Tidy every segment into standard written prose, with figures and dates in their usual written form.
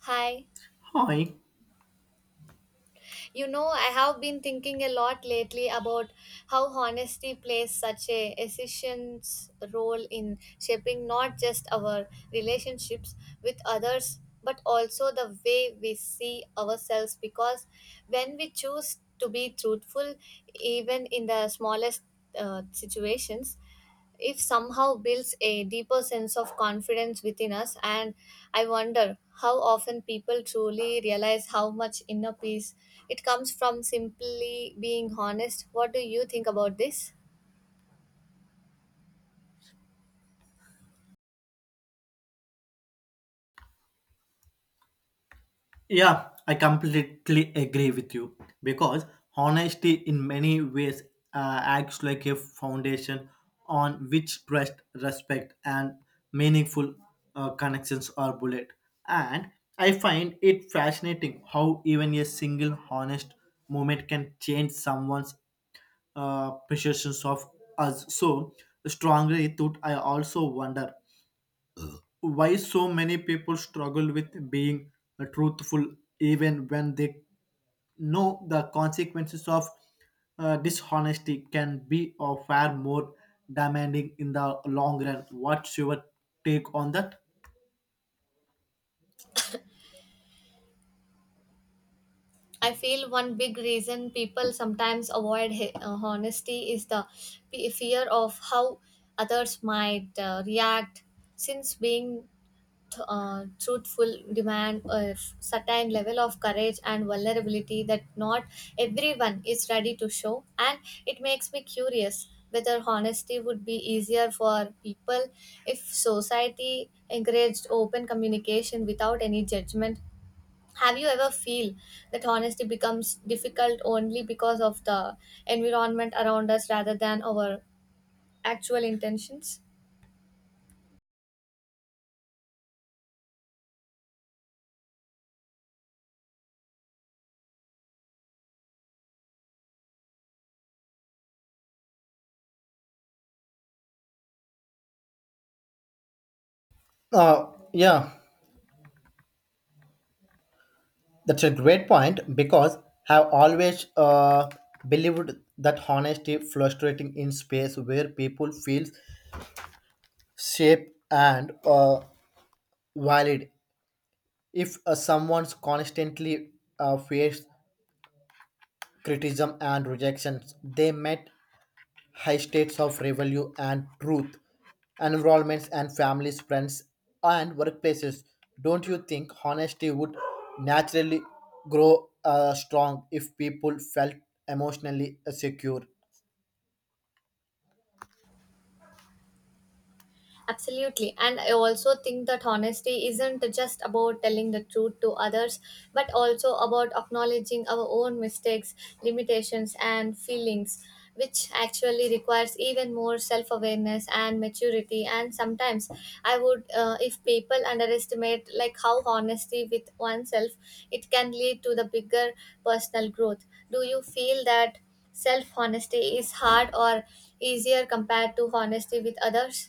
Hi. Hi. You know, I have been thinking a lot lately about how honesty plays such a essential role in shaping not just our relationships with others, but also the way we see ourselves. Because when we choose to be truthful, even in the smallest situations, if somehow builds a deeper sense of confidence within us, and I wonder how often people truly realize how much inner peace it comes from simply being honest. What do you think about this? Yeah, I completely agree with you because honesty in many ways acts like a foundation on which trust, respect, and meaningful connections are built. And I find it fascinating how even a single honest moment can change someone's perceptions of us so strongly. Thought I also wonder why so many people struggle with being truthful even when they know the consequences of dishonesty can be or far more demanding in the long run. What's your take on that? I feel one big reason people sometimes avoid honesty is the fear of how others might react, since being truthful demand a certain level of courage and vulnerability that not everyone is ready to show. And it makes me curious whether honesty would be easier for people if society encouraged open communication without any judgment. Have you ever feel that honesty becomes difficult only because of the environment around us rather than our actual intentions? Uh, yeah, that's a great point because I've always believed that honesty frustrating in space where people feel safe and uh, valid. If someone's constantly faced criticism and rejections, they met high states of revenue and truth, environments and families, friends, and workplaces. Don't you think honesty would naturally grow strong if people felt emotionally secure? Absolutely. And I also think that honesty isn't just about telling the truth to others, but also about acknowledging our own mistakes, limitations, and feelings, which actually requires even more self awareness and maturity. And sometimes I would, if people underestimate like how honesty with oneself, it can lead to the bigger personal growth. Do you feel that self honesty is hard or easier compared to honesty with others?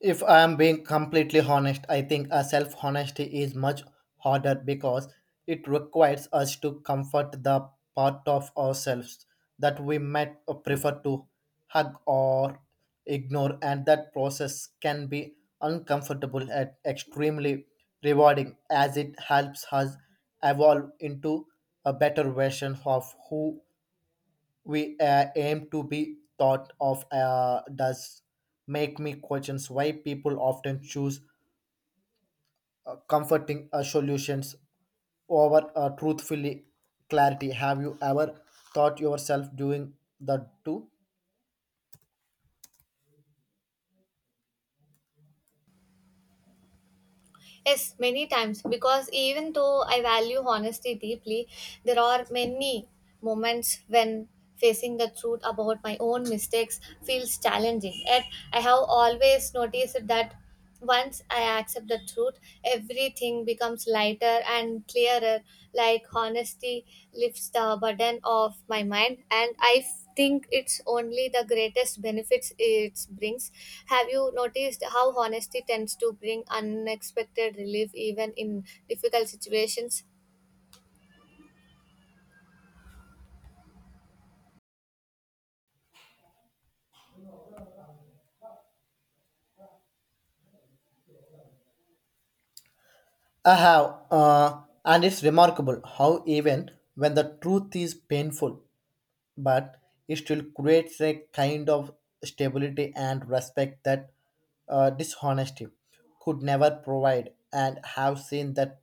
If I am being completely honest, I think a self honesty is much harder because it requires us to comfort the part of ourselves that we might prefer to hug or ignore, and that process can be uncomfortable and extremely rewarding as it helps us evolve into a better version of who we aim to be thought of does make me questions why people often choose comforting solutions over truthfully clarity. Have you ever thought yourself doing the two? Yes, many times, because even though I value honesty deeply, there are many moments when facing the truth about my own mistakes feels challenging. Yet I have always noticed that once I accept the truth, everything becomes lighter and clearer, like honesty lifts the burden off my mind. And I think it's only the greatest benefits it brings. Have you noticed how honesty tends to bring unexpected relief even in difficult situations? I have, and it's remarkable how even when the truth is painful, but it still creates a kind of stability and respect that dishonesty could never provide, and have seen that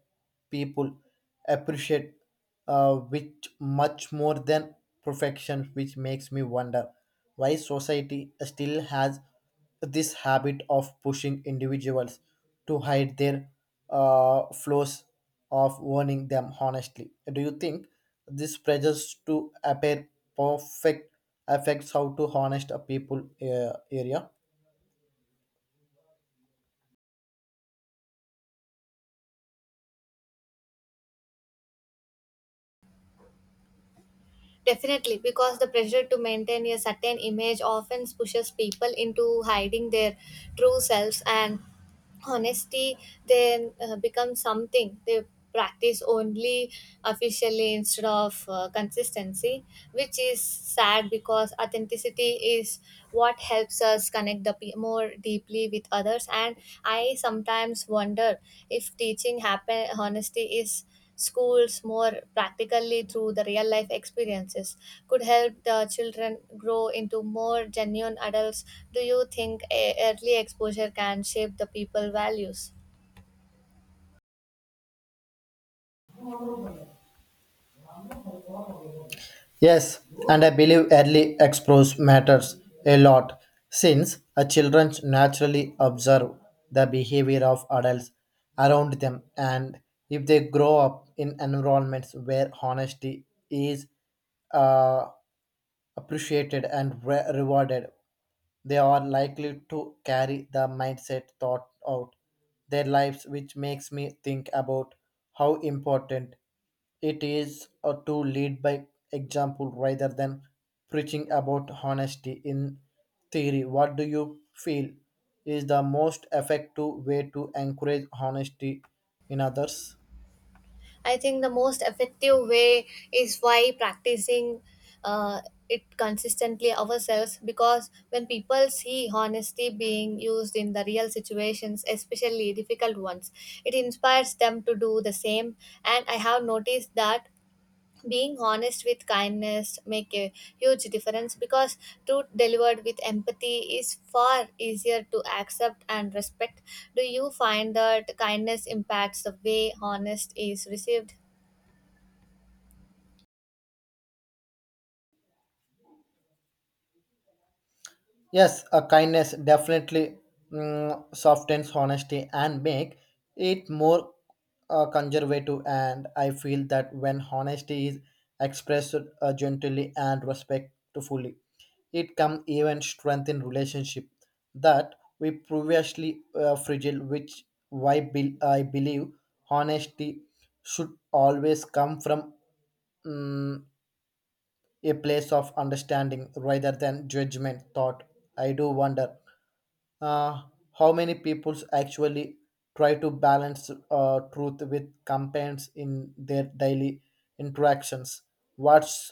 people appreciate which much more than perfection, which makes me wonder why society still has this habit of pushing individuals to hide their flaws of warning them honestly. Do you think this pressures to appear perfect affects how to honest a people area? Definitely, because the pressure to maintain a certain image often pushes people into hiding their true selves, and honesty then becomes something they practice only officially instead of consistency, which is sad because authenticity is what helps us connect the more deeply with others. And I sometimes wonder if teaching happen honesty is schools more practically through the real life experiences could help the children grow into more genuine adults. Do you think early exposure can shape the people values? Yes, and I believe early exposure matters a lot since a children naturally observe the behavior of adults around them, and if they grow up in environments where honesty is uh, appreciated and rewarded, they are likely to carry the mindset thought out their lives, which makes me think about how important it is to lead by example rather than preaching about honesty in theory. What do you feel is the most effective way to encourage honesty in others? I think the most effective way is by practicing uh, it consistently ourselves, because when people see honesty being used in the real situations, especially difficult ones, it inspires them to do the same. And I have noticed that being honest with kindness make a huge difference, because truth delivered with empathy is far easier to accept and respect. Do you find that kindness impacts the way honest is received? Yes, a kindness definitely softens honesty and make it more conservative. And I feel that when honesty is expressed gently and respectfully, it can even strengthen relationship that we previously fragile. Which why bel I believe honesty should always come from mm, a place of understanding rather than judgment. Thought I do wonder uh, how many peoples actually try to balance truth with campaigns in their daily interactions. What's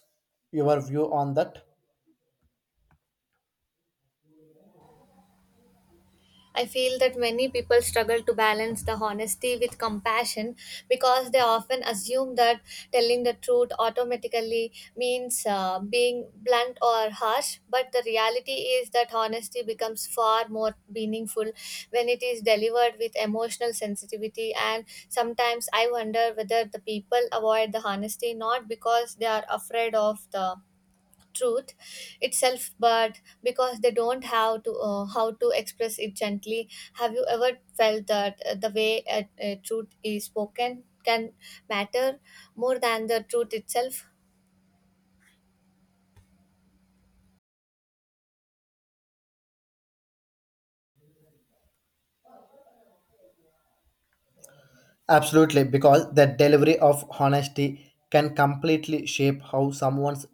your view on that? I feel that many people struggle to balance the honesty with compassion, because they often assume that telling the truth automatically means being blunt or harsh. But the reality is that honesty becomes far more meaningful when it is delivered with emotional sensitivity. And sometimes I wonder whether the people avoid the honesty not because they are afraid of the truth itself, but because they don't have to how to express it gently. Have you ever felt that the way a truth is spoken can matter more than the truth itself? Absolutely, because the delivery of honesty can completely shape how someone's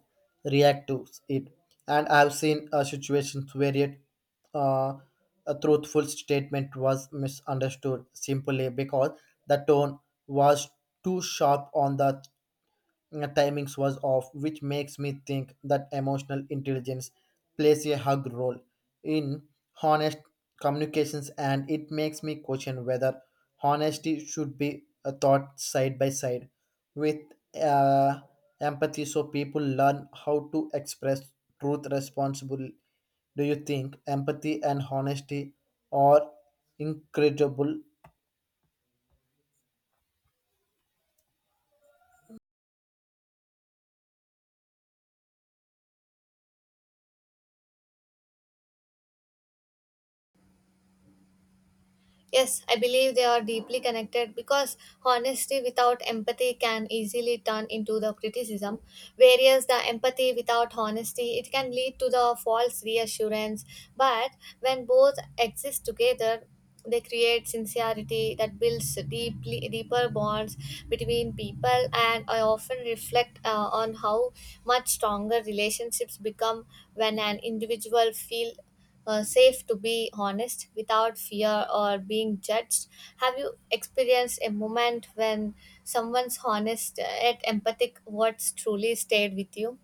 react to it. And I've seen situations where uh, a truthful statement was misunderstood simply because the tone was too sharp on the timings was off, which makes me think that emotional intelligence plays a hug role in honest communications, and it makes me question whether honesty should be thought side by side with uh, empathy, so people learn how to express truth responsibly. Do you think empathy and honesty are incredible? Yes, I believe they are deeply connected, because honesty without empathy can easily turn into the criticism, whereas the empathy without honesty it can lead to the false reassurance. But when both exist together, they create sincerity that builds deeply deeper bonds between people. And I often reflect on how much stronger relationships become when an individual feel safe to be honest without fear or being judged. Have you experienced a moment when someone's honest yet empathic words truly stayed with you?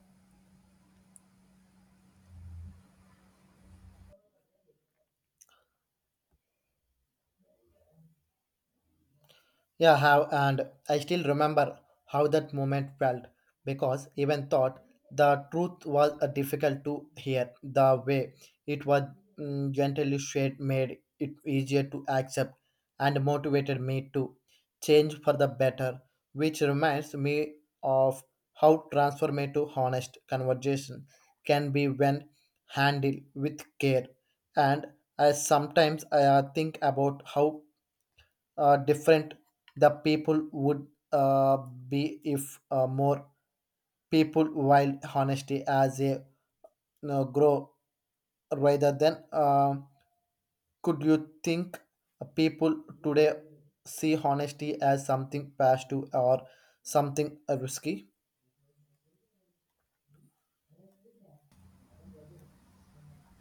Yeah, have, and I still remember how that moment felt because even thought the truth was difficult to hear. The way it was gently shared made it easier to accept and motivated me to change for the better, which reminds me of how transformative honest conversation can be when handled with care. And I sometimes I think about how different the people would uh, be if more people while honesty as a you know, grow rather than could you think people today see honesty as something passive or something risky?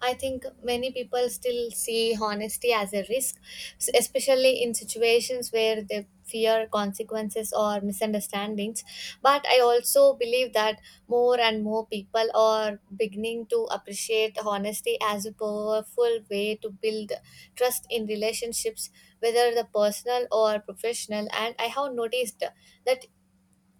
I think many people still see honesty as a risk, especially in situations where they fear consequences or misunderstandings. But I also believe that more and more people are beginning to appreciate honesty as a powerful way to build trust in relationships, whether the personal or professional. And I have noticed that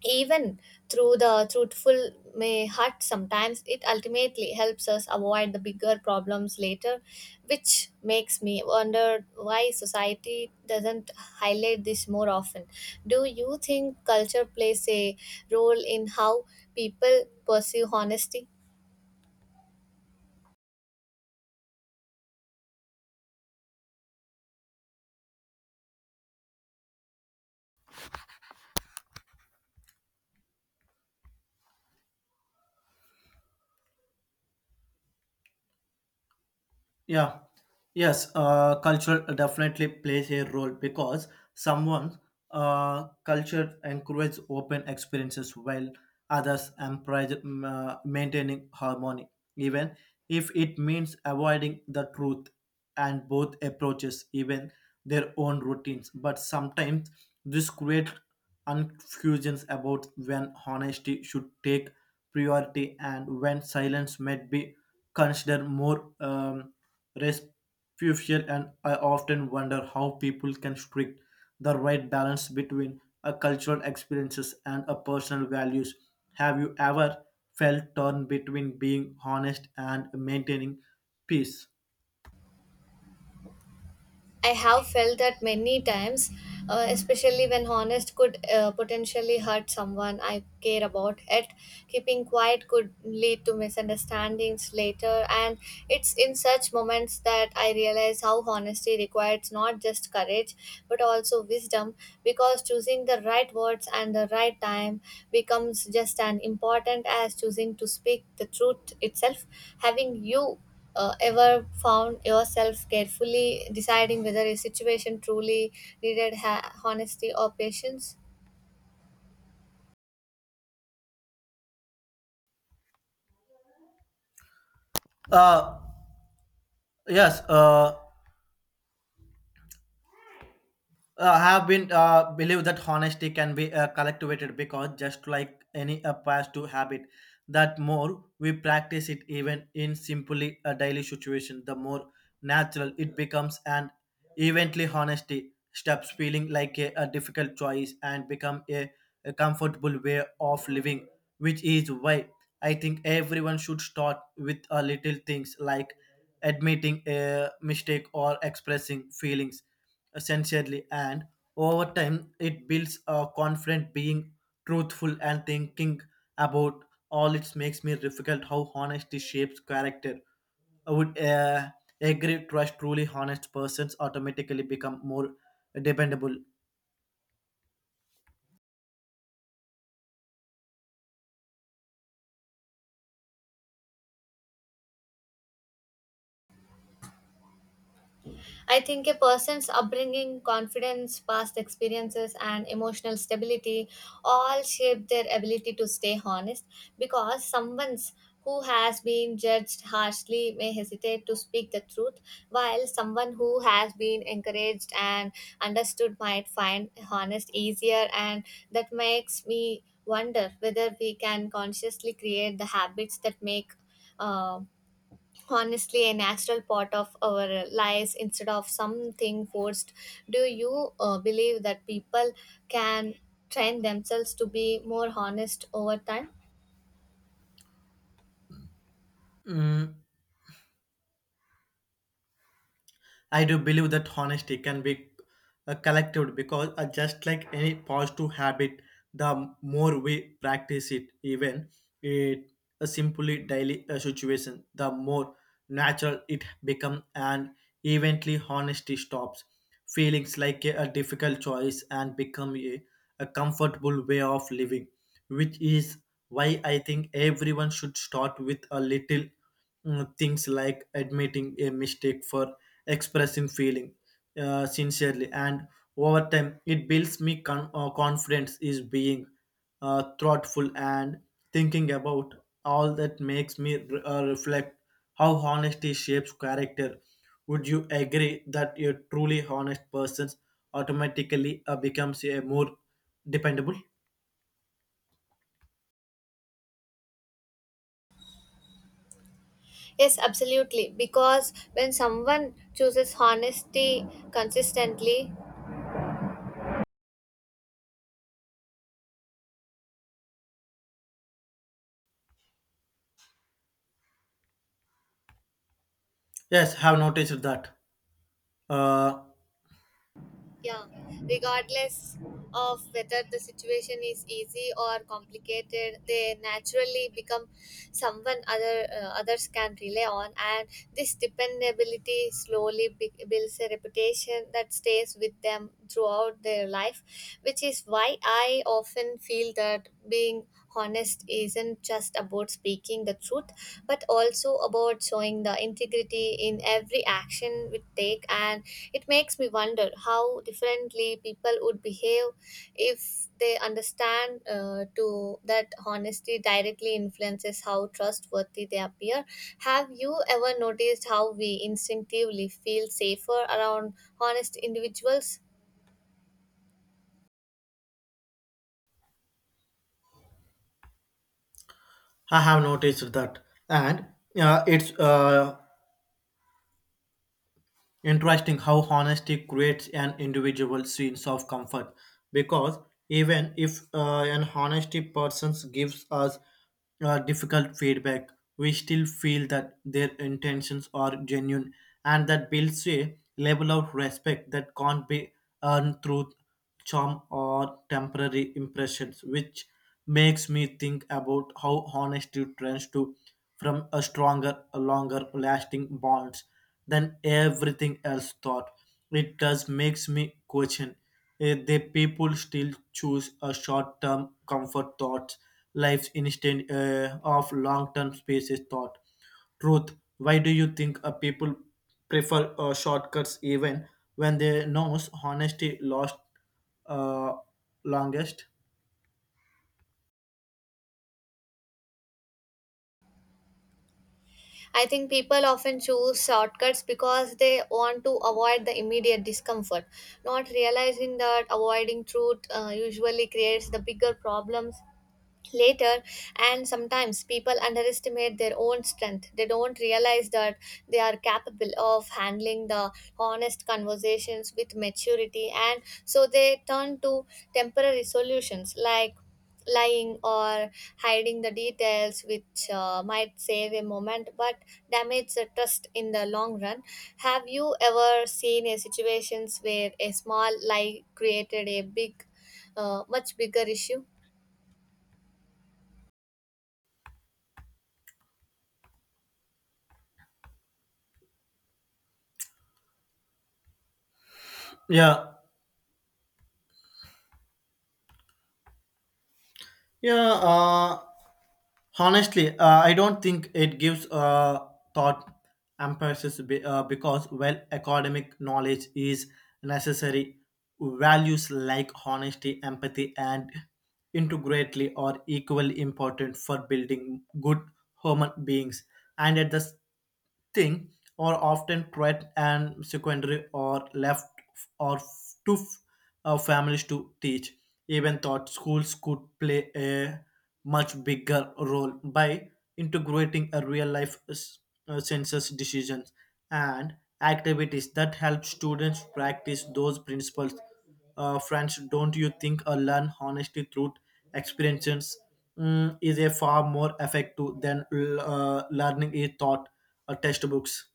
even through the truthful may hurt, sometimes it ultimately helps us avoid the bigger problems later, which makes me wonder why society doesn't highlight this more often. Do you think culture plays a role in how people pursue honesty? Yeah, yes, culture definitely plays a role because someone culture encourages open experiences while others encourage maintaining harmony, even if it means avoiding the truth, and both approaches, even their own routines. But sometimes this creates confusions about when honesty should take priority and when silence might be consider more respectful, and I often wonder how people can strike the right balance between a cultural experiences and a personal values. Have you ever felt torn between being honest and maintaining peace? I have felt that many times, especially when honest could potentially hurt someone I care about. Yet, keeping quiet could lead to misunderstandings later, and it's in such moments that I realize how honesty requires not just courage but also wisdom, because choosing the right words and the right time becomes just as important as choosing to speak the truth itself. Having you ever found yourself carefully deciding whether a situation truly needed honesty or patience? Uh, yes. Have been believe that honesty can be cultivated because just like any past to habit that more we practice it even in simply a daily situation the more natural it becomes, and eventually honesty stops feeling like a difficult choice and become a comfortable way of living, which is why I think everyone should start with a little things like admitting a mistake or expressing feelings sincerely, and over time it builds a confident being truthful and thinking about all it makes me difficult how honesty shapes character. I would agree trust truly honest persons automatically become more dependable. I think a person's upbringing, confidence, past experiences, and emotional stability all shape their ability to stay honest, because someone's who has been judged harshly may hesitate to speak the truth, while someone who has been encouraged and understood might find honest easier. And that makes me wonder whether we can consciously create the habits that make um honestly a natural part of our lives instead of something forced. Do you believe that people can train themselves to be more honest over time? Mm, I do believe that honesty can be collected because just like any positive habit, the more we practice it, even it a simply daily situation, the more natural it become, and eventually honesty stops feelings like a difficult choice and become a comfortable way of living, which is why I think everyone should start with a little things like admitting a mistake for expressing feeling sincerely, and over time it builds me confidence is being thoughtful and thinking about all that makes me reflect how honesty shapes character. Would you agree that a truly honest person automatically becomes a more dependable? Yes, absolutely, because when someone chooses honesty consistently. Yes, have noticed that, uh, Yeah, regardless of whether the situation is easy or complicated, they naturally become someone others can rely on, and this dependability slowly builds a reputation that stays with them throughout their life, which is why I often feel that being honest isn't just about speaking the truth but also about showing the integrity in every action we take. And it makes me wonder how differently people would behave if they understand to that honesty directly influences how trustworthy they appear. Have you ever noticed how we instinctively feel safer around honest individuals? I have noticed that, and it's interesting how honesty creates an individual sense of comfort because even if an honesty person gives us difficult feedback, we still feel that their intentions are genuine, and that builds a level of respect that can't be earned through charm or temporary impressions, which makes me think about how honesty trends to from a stronger, a longer lasting bonds than everything else thought. It does makes me question if the people still choose a short-term comfort thoughts, lives instead of long-term spaces thought. Truth, why do you think people prefer shortcuts even when they knows honesty lost uh, longest? I think people often choose shortcuts because they want to avoid the immediate discomfort, not realizing that avoiding truth usually creates the bigger problems later. And sometimes people underestimate their own strength. They don't realize that they are capable of handling the honest conversations with maturity, and so they turn to temporary solutions like lying or hiding the details, which might save a moment but damage the trust in the long run. Have you ever seen a situations where a small lie created a big much bigger issue? Yeah, yeah. Honestly, I don't think it gives thought emphasis because well, academic knowledge is necessary. Values like honesty, empathy, and integrity are equally important for building good human beings. And at the thing, are often threat and secondary or left or to families to teach. Even thought schools could play a much bigger role by integrating a real life census decisions and activities that help students practice those principles. Friends, don't you think a learn honesty through experiences is a far more effective than learning a thought or textbooks?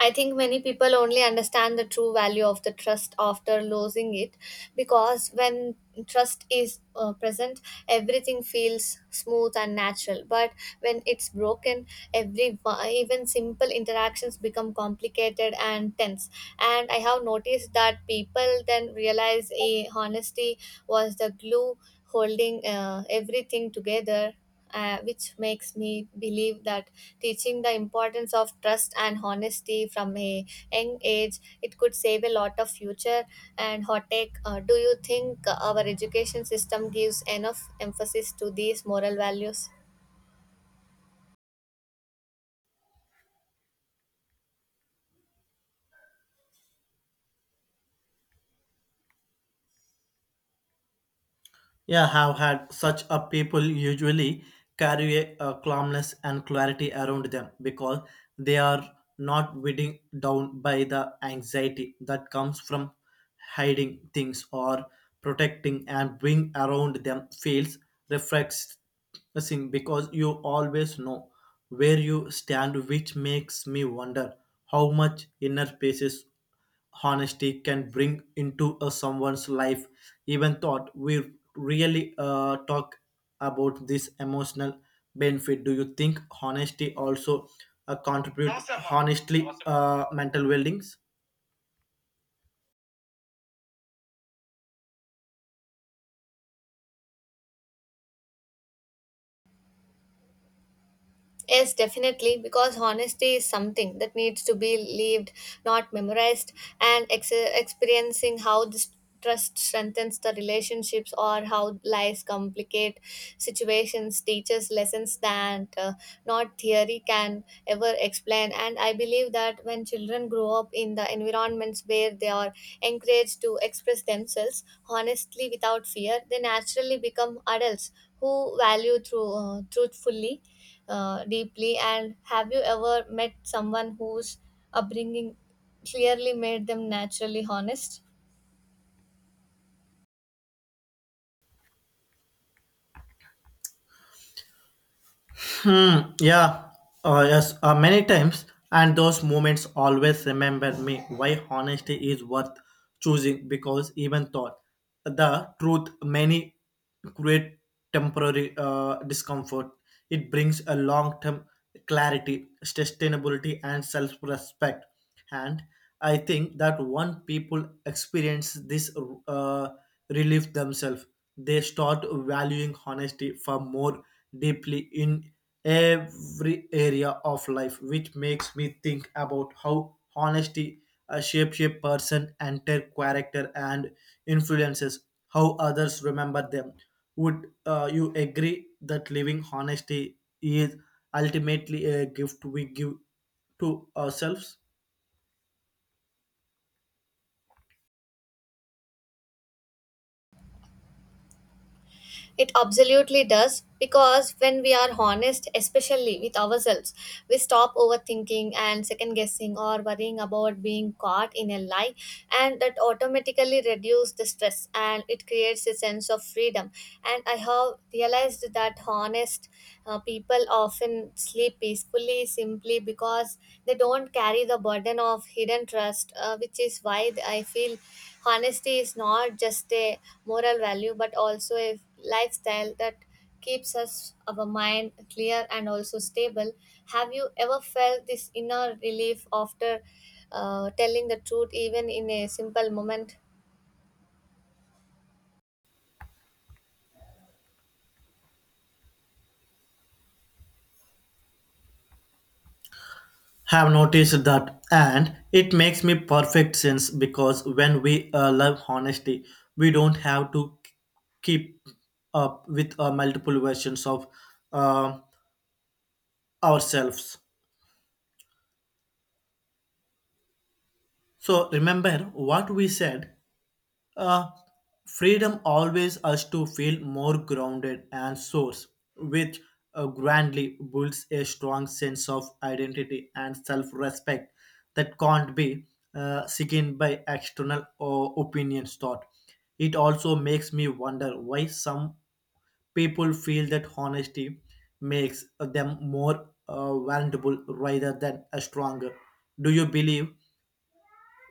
I think many people only understand the true value of the trust after losing it, because when trust is present, everything feels smooth and natural. But when it's broken, every even simple interactions become complicated and tense. And I have noticed that people then realize a honesty was the glue holding everything together, which makes me believe that teaching the importance of trust and honesty from a young age, it could save a lot of future and hot take. Do you think our education system gives enough emphasis to these moral values? Yeah, have had such a people usually carry a calmness and clarity around them because they are not weighed down by the anxiety that comes from hiding things or protecting, and being around them feels refreshing because you always know where you stand, which makes me wonder how much inner peace honesty can bring into a someone's life. Even thought we really talk about this emotional benefit. Do you think honesty also contribute honestly mental well-being? Yes, definitely, because honesty is something that needs to be lived, not memorized, and experiencing how this trust strengthens the relationships or how lies complicate situations teaches lessons that not theory can ever explain. And I believe that when children grow up in the environments where they are encouraged to express themselves honestly without fear, they naturally become adults who value truthfully, deeply. And have you ever met someone whose upbringing clearly made them naturally honest? Yeah, yes, many times, and those moments always remember me why honesty is worth choosing because even thought the truth many create temporary discomfort. It brings a long term clarity, sustainability, and self respect. And I think that one people experience this uh, relief themselves, they start valuing honesty far more deeply in every area of life, which makes me think about how honesty shapes a person, entire character, and influences how others remember them. Would you agree that living honesty is ultimately a gift we give to ourselves? It absolutely does, because when we are honest, especially with ourselves, we stop overthinking and second guessing or worrying about being caught in a lie, and that automatically reduces the stress and it creates a sense of freedom. And I have realized that honest people often sleep peacefully simply because they don't carry the burden of hidden trust, which is why I feel honesty is not just a moral value but also a lifestyle that keeps us our mind clear and also stable. Have you ever felt this inner relief after telling the truth even in a simple moment? Have noticed that, and it makes me perfect sense because when we love honesty we don't have to keep up with multiple versions of uh, ourselves so remember what we said. Uh, freedom always us to feel more grounded and source, which grandly builds a strong sense of identity and self-respect that can't be sickened by external or opinions thought. It also makes me wonder why some people feel that honesty makes them more vulnerable rather than stronger. Do you believe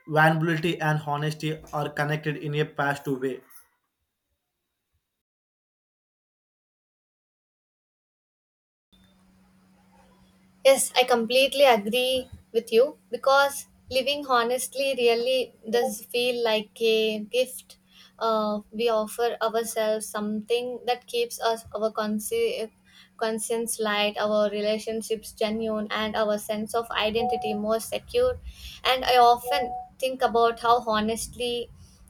vulnerability and honesty are connected in a past way? Yes, I completely agree with you, because living honestly really does feel like a gift. We offer ourselves something that keeps us our conscience light, our relationships genuine, and our sense of identity more secure. And I often think about how honestly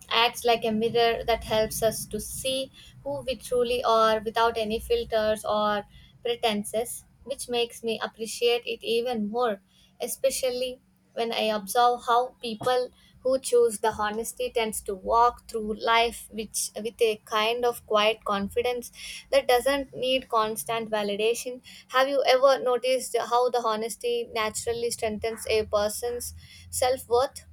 acts like a mirror that helps us to see who we truly are without any filters or pretenses, which makes me appreciate it even more, especially when I observe how people who choose the honesty tends to walk through life which with a kind of quiet confidence that doesn't need constant validation. Have you ever noticed how the honesty naturally strengthens a person's self-worth?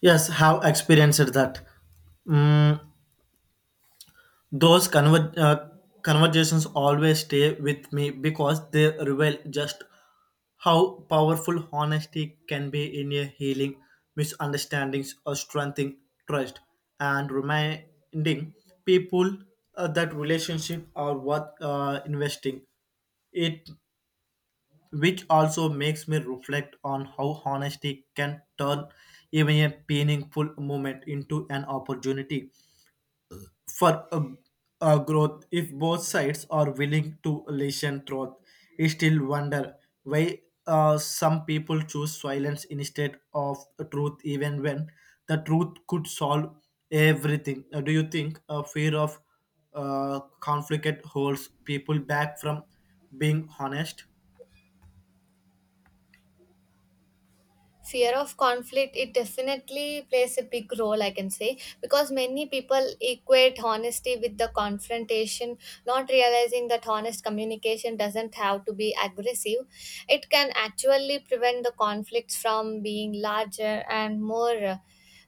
Yes, have experienced that. Mm, those conversations always stay with me because they reveal just how powerful honesty can be in a healing misunderstandings or strengthening trust and reminding people that relationship are worth investing it, which also makes me reflect on how honesty can turn even a painful moment into an opportunity for a growth if both sides are willing to listen truth. I still wonder why some people choose silence instead of truth even when the truth could solve everything. Do you think a fear of conflict holds people back from being honest? Fear of conflict, it definitely plays a big role, I can say, because many people equate honesty with the confrontation, not realizing that honest communication doesn't have to be aggressive. It can actually prevent the conflicts from being larger and more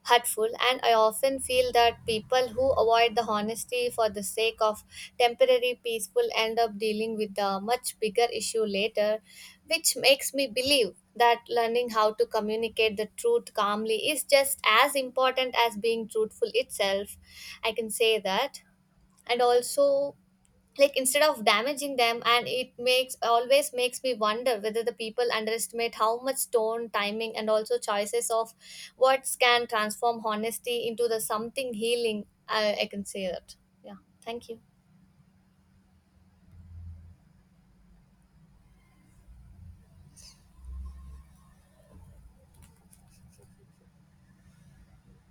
hurtful. And I often feel that people who avoid the honesty for the sake of temporary peaceful end up dealing with a much bigger issue later, which makes me believe that learning how to communicate the truth calmly is just as important as being truthful itself. I can say that. And also, like, instead of damaging them, and it makes always makes me wonder whether the people underestimate how much tone, timing, and also choices of words can transform honesty into the something healing. I can say that. Yeah, thank you.